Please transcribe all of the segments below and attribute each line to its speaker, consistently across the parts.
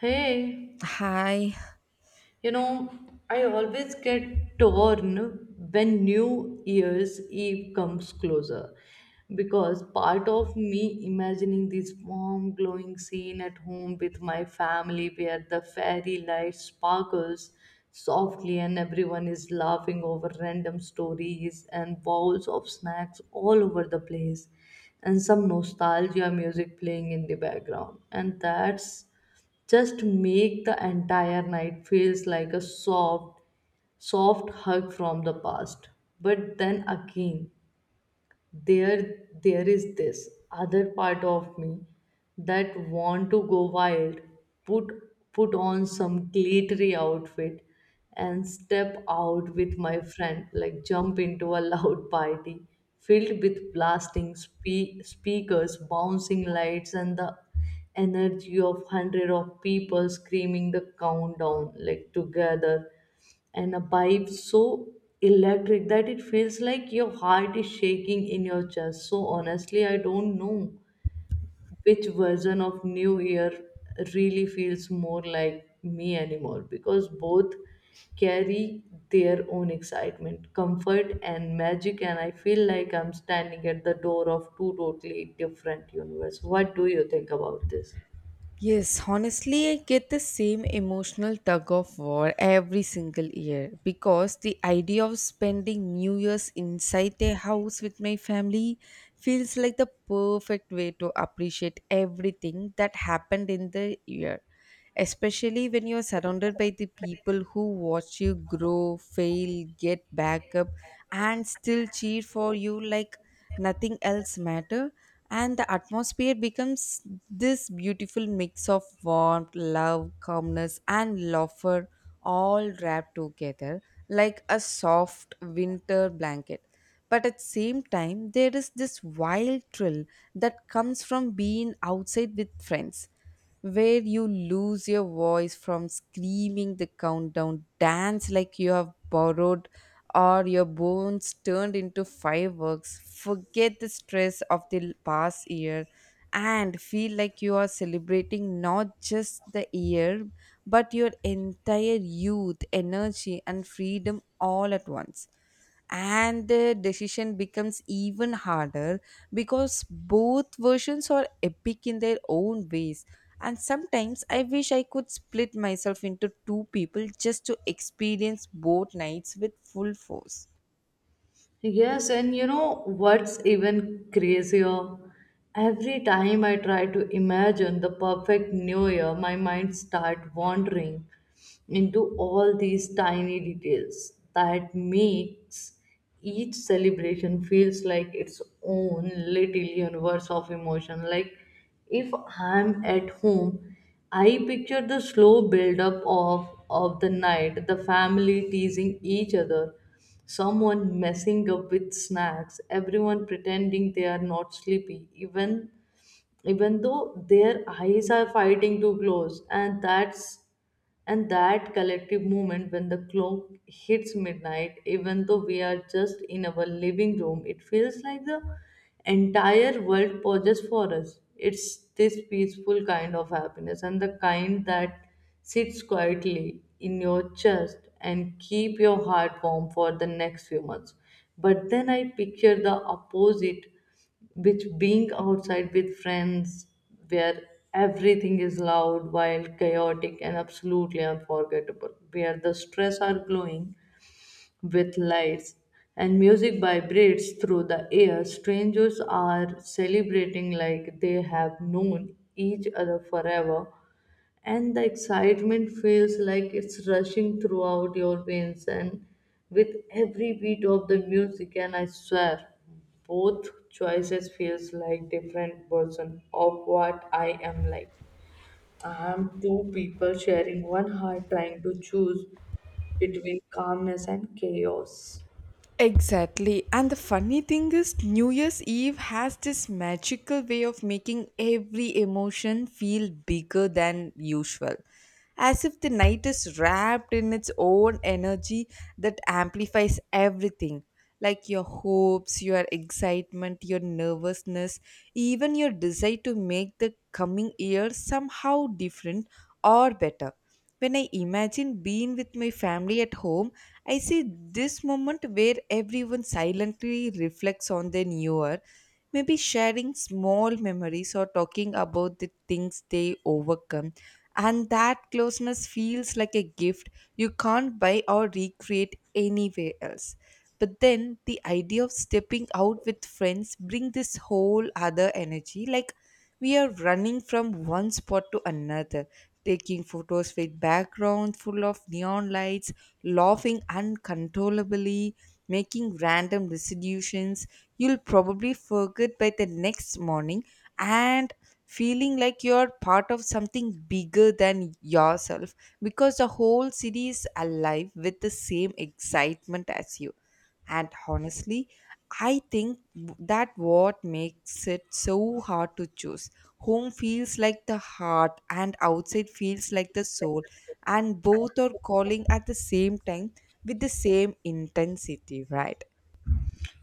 Speaker 1: Hey,
Speaker 2: Hi.
Speaker 1: you know, I always get torn when New Year's Eve comes closer because part of me imagining this warm, glowing scene at home with my family where the fairy light sparkles softly and everyone is laughing over random stories and bowls of snacks all over the place and some nostalgia music playing in the background. And that's just make the entire night feels like a soft hug from the past, but then again, there there is this other part of me that want to go wild, put put on some glittery outfit and step out with my friend like jump into a loud party filled with blasting speakers, bouncing lights, and the energy of hundred of people screaming the countdown like together, and a vibe so electric that it feels like your heart is shaking in your chest. So honestly, I don't know which version of New Year really feels more like me anymore because both carry their own excitement, comfort, and magic. And I feel like I'm standing at the door of two totally different universe. What do you think about this?
Speaker 2: Yes, honestly, I get the same emotional tug of war every single year because the idea of spending New Year's inside a house with my family feels like the perfect way to appreciate everything that happened in the year. Especially when you're surrounded by the people who watch you grow, fail, get back up, and still cheer for you like nothing else matter, and the atmosphere becomes this beautiful mix of warmth, love, calmness, and laughter all wrapped together like a soft winter blanket. But at the same time, there is this wild thrill that comes from being outside with friends where you lose your voice from screaming the countdown, dance like you have borrowed or your bones turned into fireworks. Forget the stress of the past year and feel like you are celebrating not just the year but your entire youth, energy, and freedom all at once, and the decision becomes even harder because both versions are epic in their own ways, and sometimes I wish I could split myself into two people just to experience both nights with full force.
Speaker 1: Yes, and you know what's even crazier? Every time I try to imagine the perfect new year, my mind start wandering into all these tiny details that makes each celebration feels like its own little universe of emotion. Like if I'm at home, I picture the slow build-up of the night, the family teasing each other, someone messing up with snacks, everyone pretending they are not sleepy, even though their eyes are fighting to close, and that collective moment when the clock hits midnight, even though we are just in our living room, it feels like the entire world pauses for us. It's this peaceful kind of happiness, and the kind that sits quietly in your chest and keep your heart warm for the next few months. But then I picture the opposite, which being outside with friends where everything is loud, wild, chaotic, and absolutely unforgettable, where the stress are glowing with lights and music vibrates through the air. Strangers are celebrating like they have known each other forever, and the excitement feels like it's rushing throughout your veins. And with every beat of the music, and I swear, both choices feels like different version of what I am like. I am two people sharing one heart, trying to choose between calmness and chaos.
Speaker 2: Exactly. And the funny thing is, New Year's Eve has this magical way of making every emotion feel bigger than usual. As if the night is wrapped in its own energy that amplifies everything, like your hopes, your excitement, your nervousness, even your desire to make the coming year somehow different or better. When I imagine being with my family at home, I see this moment where everyone silently reflects on their newer, maybe sharing small memories or talking about the things they overcome. And that closeness feels like a gift you can't buy or recreate anywhere else. But then the idea of stepping out with friends bring this whole other energy, like we are running from one spot to another, taking photos with background full of neon lights, laughing uncontrollably, making random resolutions you'll probably forget by the next morning, and feeling like you're part of something bigger than yourself because the whole city is alive with the same excitement as you. And honestly, I think that what makes it so hard to choose. Home feels like the heart, and outside feels like the soul, and both are calling at the same time with the same intensity, right?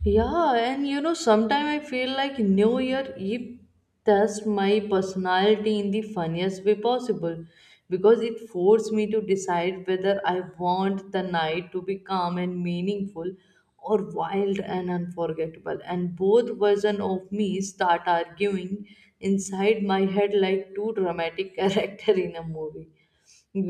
Speaker 1: Yeah, and you know, sometimes I feel like New Year Eve tests my personality in the funniest way possible because it forced me to decide whether I want the night to be calm and meaningful or wild and unforgettable. And both versions of me start arguing inside my head like two dramatic characters in a movie,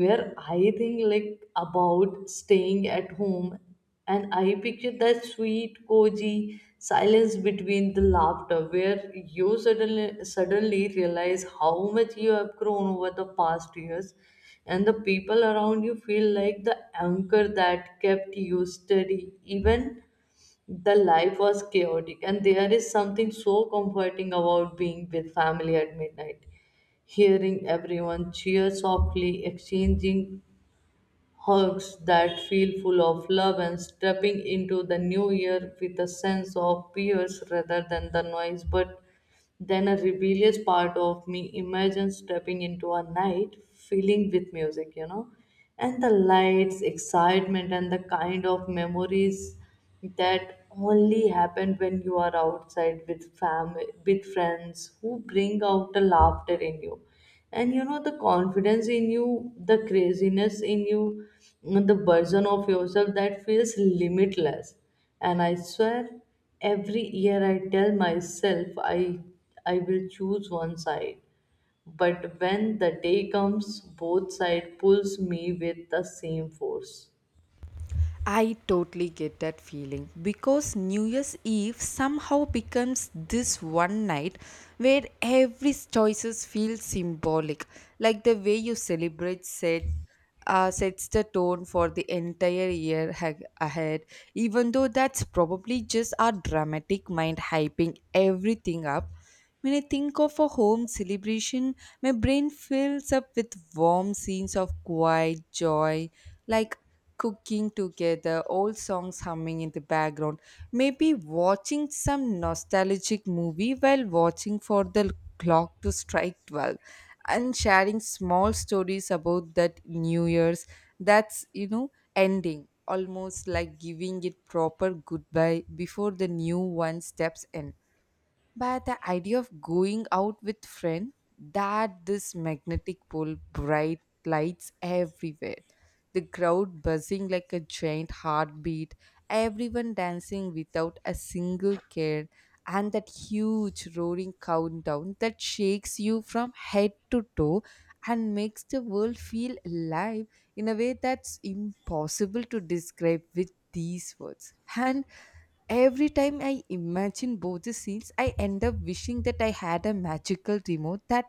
Speaker 1: where I think like about staying at home and I picture that sweet, cozy silence between the laughter where you suddenly realize how much you have grown over the past years, and the people around you feel like the anchor that kept you steady even the life was chaotic. And there is something so comforting about being with family at midnight, hearing everyone cheer softly, exchanging hugs that feel full of love, and stepping into the new year with a sense of fears rather than the noise. But then a rebellious part of me imagines stepping into a night filling with music, you know, and the lights, excitement, and the kind of memories that only happen when you are outside with family, with friends who bring out the laughter in you, and you know, the confidence in you, the craziness in you, the version of yourself that feels limitless. And I swear, every year I tell myself i I will choose one side, but when the day comes, both side pulls me with the same force.
Speaker 2: I totally get that feeling because New Year's Eve somehow becomes this one night where every choices feel symbolic, like the way you celebrate said sets the tone for the entire year ahead, even though that's probably just our dramatic mind hyping everything up. When I think of a home celebration, my brain fills up with warm scenes of quiet joy, like cooking together, old songs humming in the background, maybe watching some nostalgic movie while watching for the clock to strike 12, and sharing small stories about that new year's that's, you know, ending almost like giving it proper goodbye before the new one steps in. But the idea of going out with friend, that this magnetic pole, bright lights everywhere. The crowd buzzing like a giant heartbeat, everyone dancing without a single care, and that huge roaring countdown that shakes you from head to toe and makes the world feel alive in a way that's impossible to describe with these words. And every time I imagine both the scenes, I end up wishing that I had a magical remote that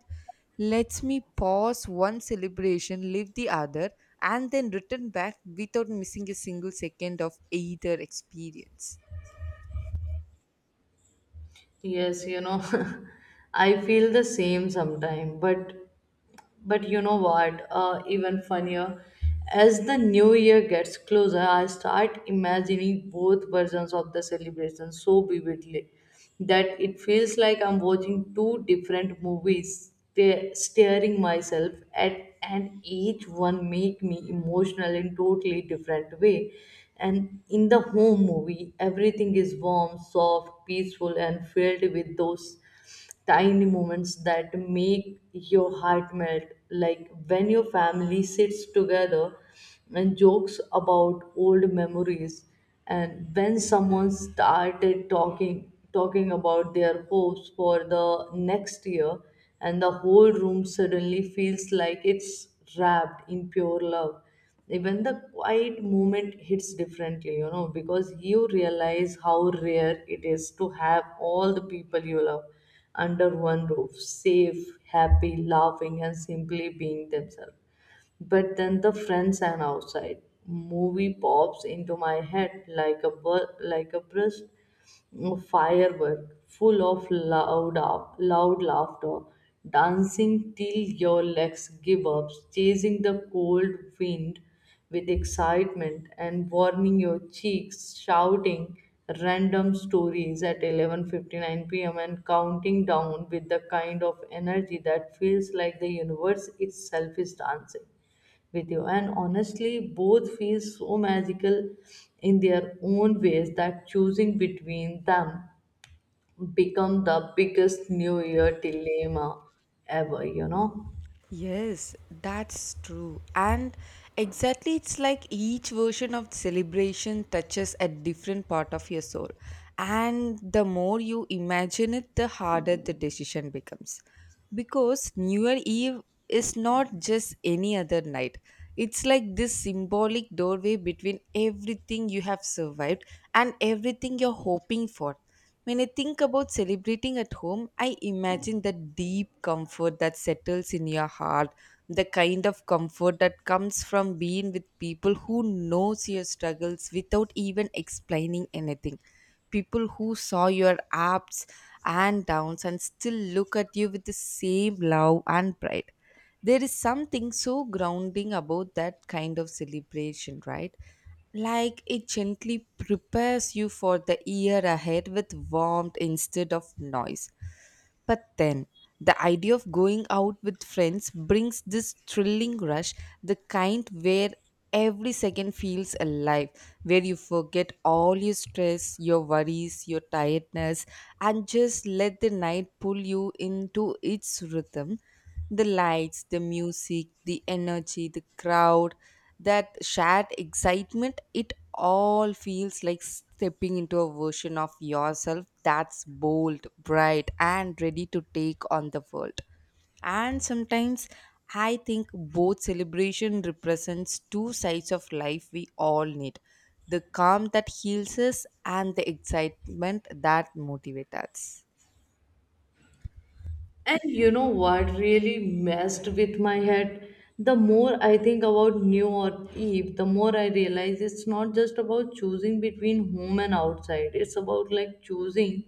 Speaker 2: lets me pause one celebration, leave the other, and then return back without missing a single second of either experience.
Speaker 1: Yes, you know, I feel the same sometime, but you know what? Even funnier, as the new year gets closer, I start imagining both versions of the celebration so vividly that it feels like I'm watching two different movies, staring myself at, and each one made me emotional in totally different way. And in the home movie, everything is warm, soft, peaceful, and filled with those tiny moments that make your heart melt, like when your family sits together and jokes about old memories, and when someone started talking about their hopes for the next year, and the whole room suddenly feels like it's wrapped in pure love. Even the quiet moment hits differently, you know, because you realize how rare it is to have all the people you love under one roof, safe, happy, laughing, and simply being themselves. But then the friends and outside movie pops into my head like a like a burst of firework, full of loud up, loud laughter, dancing till your legs give up, chasing the cold wind with excitement and warming your cheeks, shouting random stories at 11:59 p.m. and counting down with the kind of energy that feels like the universe itself is dancing with you. And honestly, both feel so magical in their own ways that choosing between them become the biggest New Year dilemma ever, you know.
Speaker 2: Yes, that's true. And exactly, it's like each version of celebration touches a different part of your soul. And the more you imagine it, the harder the decision becomes. Because New Year Eve is not just any other night, it's like this symbolic doorway between everything you have survived and everything you're hoping for. When I think about celebrating at home, I imagine the deep comfort that settles in your heart, the kind of comfort that comes from being with people who knows your struggles without even explaining anything. People who saw your ups and downs and still look at you with the same love and pride. There is something so grounding about that kind of celebration, right? Like it gently prepares you for the year ahead with warmth instead of noise. But then, the idea of going out with friends brings this thrilling rush, the kind where every second feels alive, where you forget all your stress, your worries, your tiredness, and just let the night pull you into its rhythm, the lights, the music, the energy, the crowd, that shared excitement, it all feels like stepping into a version of yourself that's bold, bright, and ready to take on the world. And sometimes I think both celebration represents two sides of life we all need, the calm that heals us and the excitement that motivates us.
Speaker 1: And you know what really messed with my head? The more I think about New or Eve, the more I realize it's not just about choosing between home and outside. It's about like choosing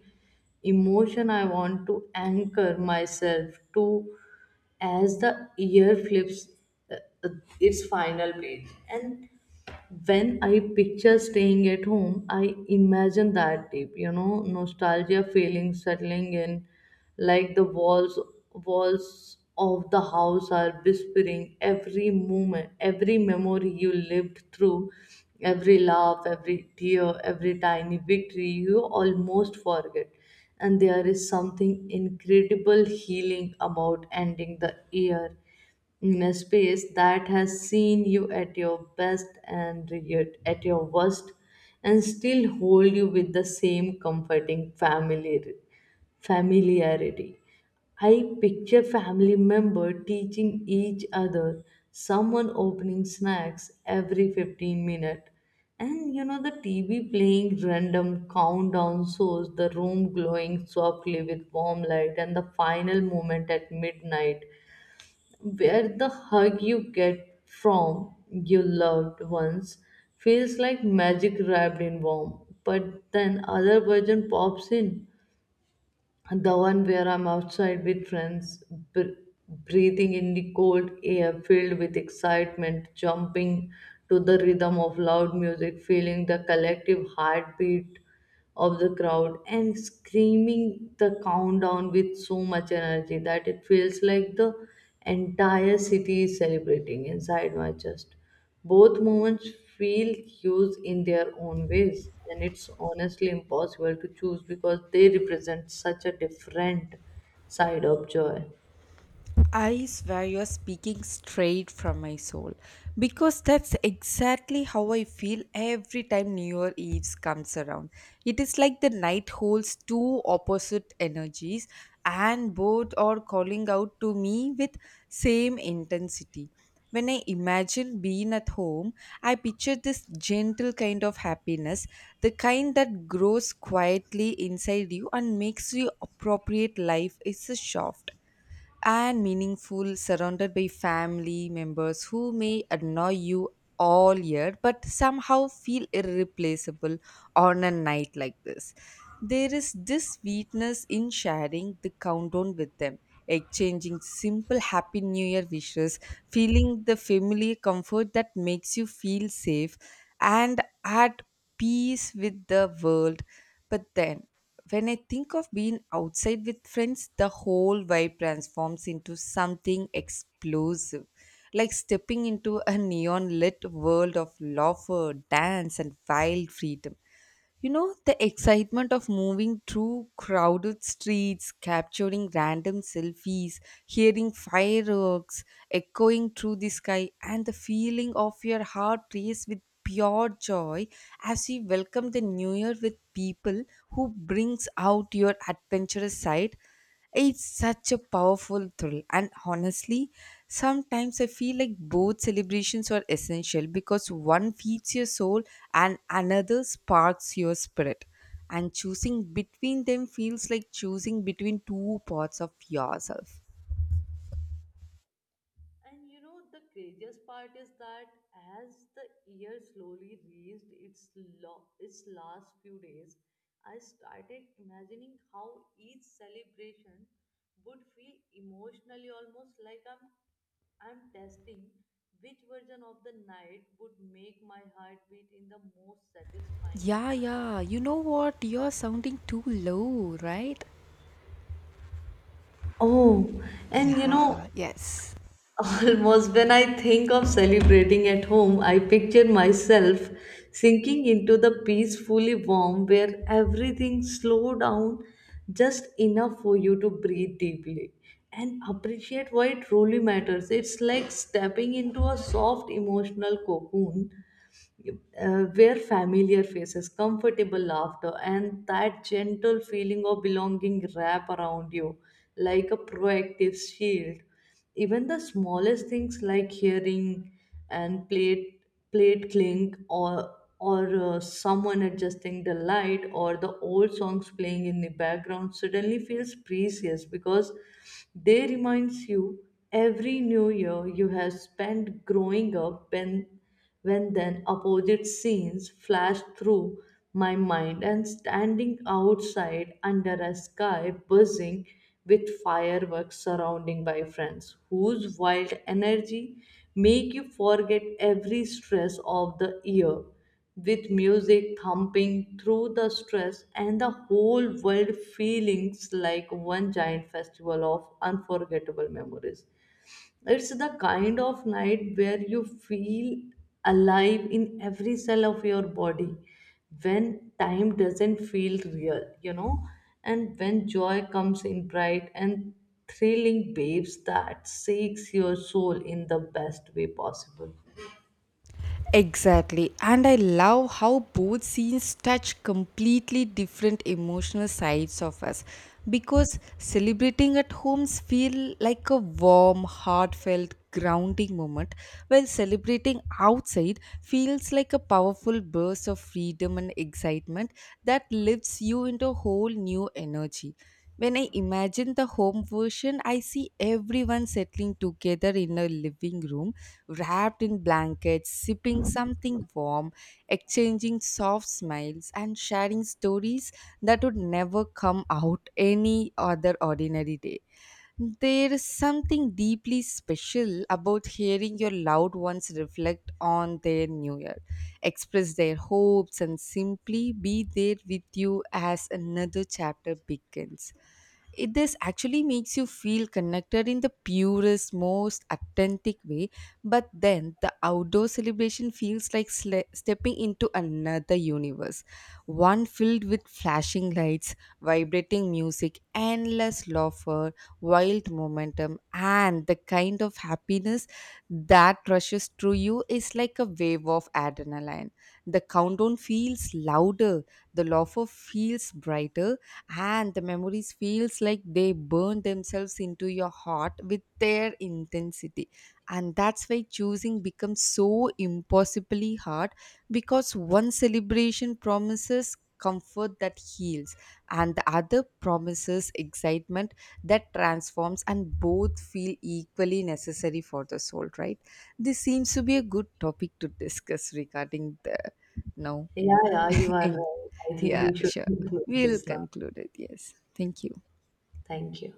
Speaker 1: emotion I want to anchor myself to as the year flips uh, uh, its final page. And when I picture staying at home, I imagine that deep, you know, nostalgia feeling settling in, like the walls of the house are whispering every moment, every memory you lived through, every laugh, every tear, every tiny victory you almost forget. And there is something incredible healing about ending the year in a space that has seen you at your best and yet at your worst and still hold you with the same comforting familiarity. I picture family member teaching each other, someone opening snacks every 15 minutes. And you know, the TV playing random countdown shows, the room glowing softly with warm light, and the final moment at midnight where the hug you get from your loved ones feels like magic wrapped in warmth. But then other version pops in, the one where I'm outside with friends, br- breathing in the cold air filled with excitement, jumping to the rhythm of loud music, feeling the collective heartbeat of the crowd, and screaming the countdown with so much energy that it feels like the entire city is celebrating inside my chest. Both movements feel huge in their own ways, and it's honestly impossible to choose because they represent such a different side of joy.
Speaker 2: I swear you're speaking straight from my soul because that's exactly how I feel every time New Year Eve comes around. It is like the night holds two opposite energies, and both are calling out to me with same intensity. When I imagine being at home, I picture this gentle kind of happiness, the kind that grows quietly inside you and makes you appropriate life is a shaft and meaningful, surrounded by family members who may annoy you all year but somehow feel irreplaceable on a night like this. There is this sweetness in sharing the countdown with them, exchanging simple happy new year wishes, feeling the familiar comfort that makes you feel safe and at peace with the world. But then, when I think of being outside with friends, the whole vibe transforms into something explosive, like stepping into a neon lit world of laughter, dance, and wild freedom. You know, the excitement of moving through crowded streets, capturing random selfies, hearing fireworks echoing through the sky, and the feeling of your heart race with pure joy as you welcome the new year with people who brings out your adventurous side, it's such a powerful thrill, and honestly, sometimes I feel like both celebrations are essential because one feeds your soul and another sparks your spirit. And choosing between them feels like choosing between two parts of yourself.
Speaker 1: And you know, the craziest part is that as the year slowly reached its, its last few days, I started imagining how each celebration would feel emotionally, almost like I'm testing which version of the night would make my heart beat in the most satisfying.
Speaker 2: Yeah. You know what? You're sounding too low, right?
Speaker 1: Oh, and you
Speaker 2: Yeah,
Speaker 1: know,
Speaker 2: yes.
Speaker 1: almost when I think of celebrating at home, I picture myself sinking into the peacefully warm where everything slow down just enough for you to breathe deeply and appreciate why it truly matters. It's like stepping into a soft emotional cocoon, where familiar faces, comfortable laughter, and that gentle feeling of belonging wrap around you like a proactive shield. Even the smallest things like hearing and plate clink, or someone adjusting the light or the old songs playing in the background suddenly feels precious because they reminds you every new year you have spent growing up. And when then opposite scenes flashed through my mind, and standing outside under a sky buzzing with fireworks, surrounding by friends whose wild energy make you forget every stress of the year, with music thumping through the stress and the whole world feelings like one giant festival of unforgettable memories, it's the kind of night where you feel alive in every cell of your body, when time doesn't feel real, you know, and when joy comes in bright and thrilling waves that shakes your soul in the best way possible.
Speaker 2: Exactly. And I love how both scenes touch completely different emotional sides of us because celebrating at homes feel like a warm, heartfelt, grounding moment, while celebrating outside feels like a powerful burst of freedom and excitement that lifts you into a whole new energy. When I imagine the home version, I see everyone settling together in a living room wrapped in blankets, sipping something warm, exchanging soft smiles, and sharing stories that would never come out any other ordinary day. There is something deeply special about hearing your loved ones reflect on their new year, express their hopes, and simply be there with you as another chapter begins. It this actually makes you feel connected in the purest, most authentic way. But then the outdoor celebration feels like stepping into another universe, one filled with flashing lights, vibrating music, endless laughter, wild momentum, and the kind of happiness that rushes through you is like a wave of adrenaline. The countdown feels louder, the laughter feels brighter, and the memories feels like they burn themselves into your heart with their intensity. And that's why choosing becomes so impossibly hard, because one celebration promises comfort that heals and the other promises excitement that transforms, and both feel equally necessary for the soul, right? This seems to be a good topic to discuss regarding the now.
Speaker 1: Yeah, yeah, you are right. I think
Speaker 2: Yeah,
Speaker 1: we should
Speaker 2: sure.
Speaker 1: conclude
Speaker 2: We'll
Speaker 1: this now.
Speaker 2: conclude it. Yes. Thank you.
Speaker 1: Thank you.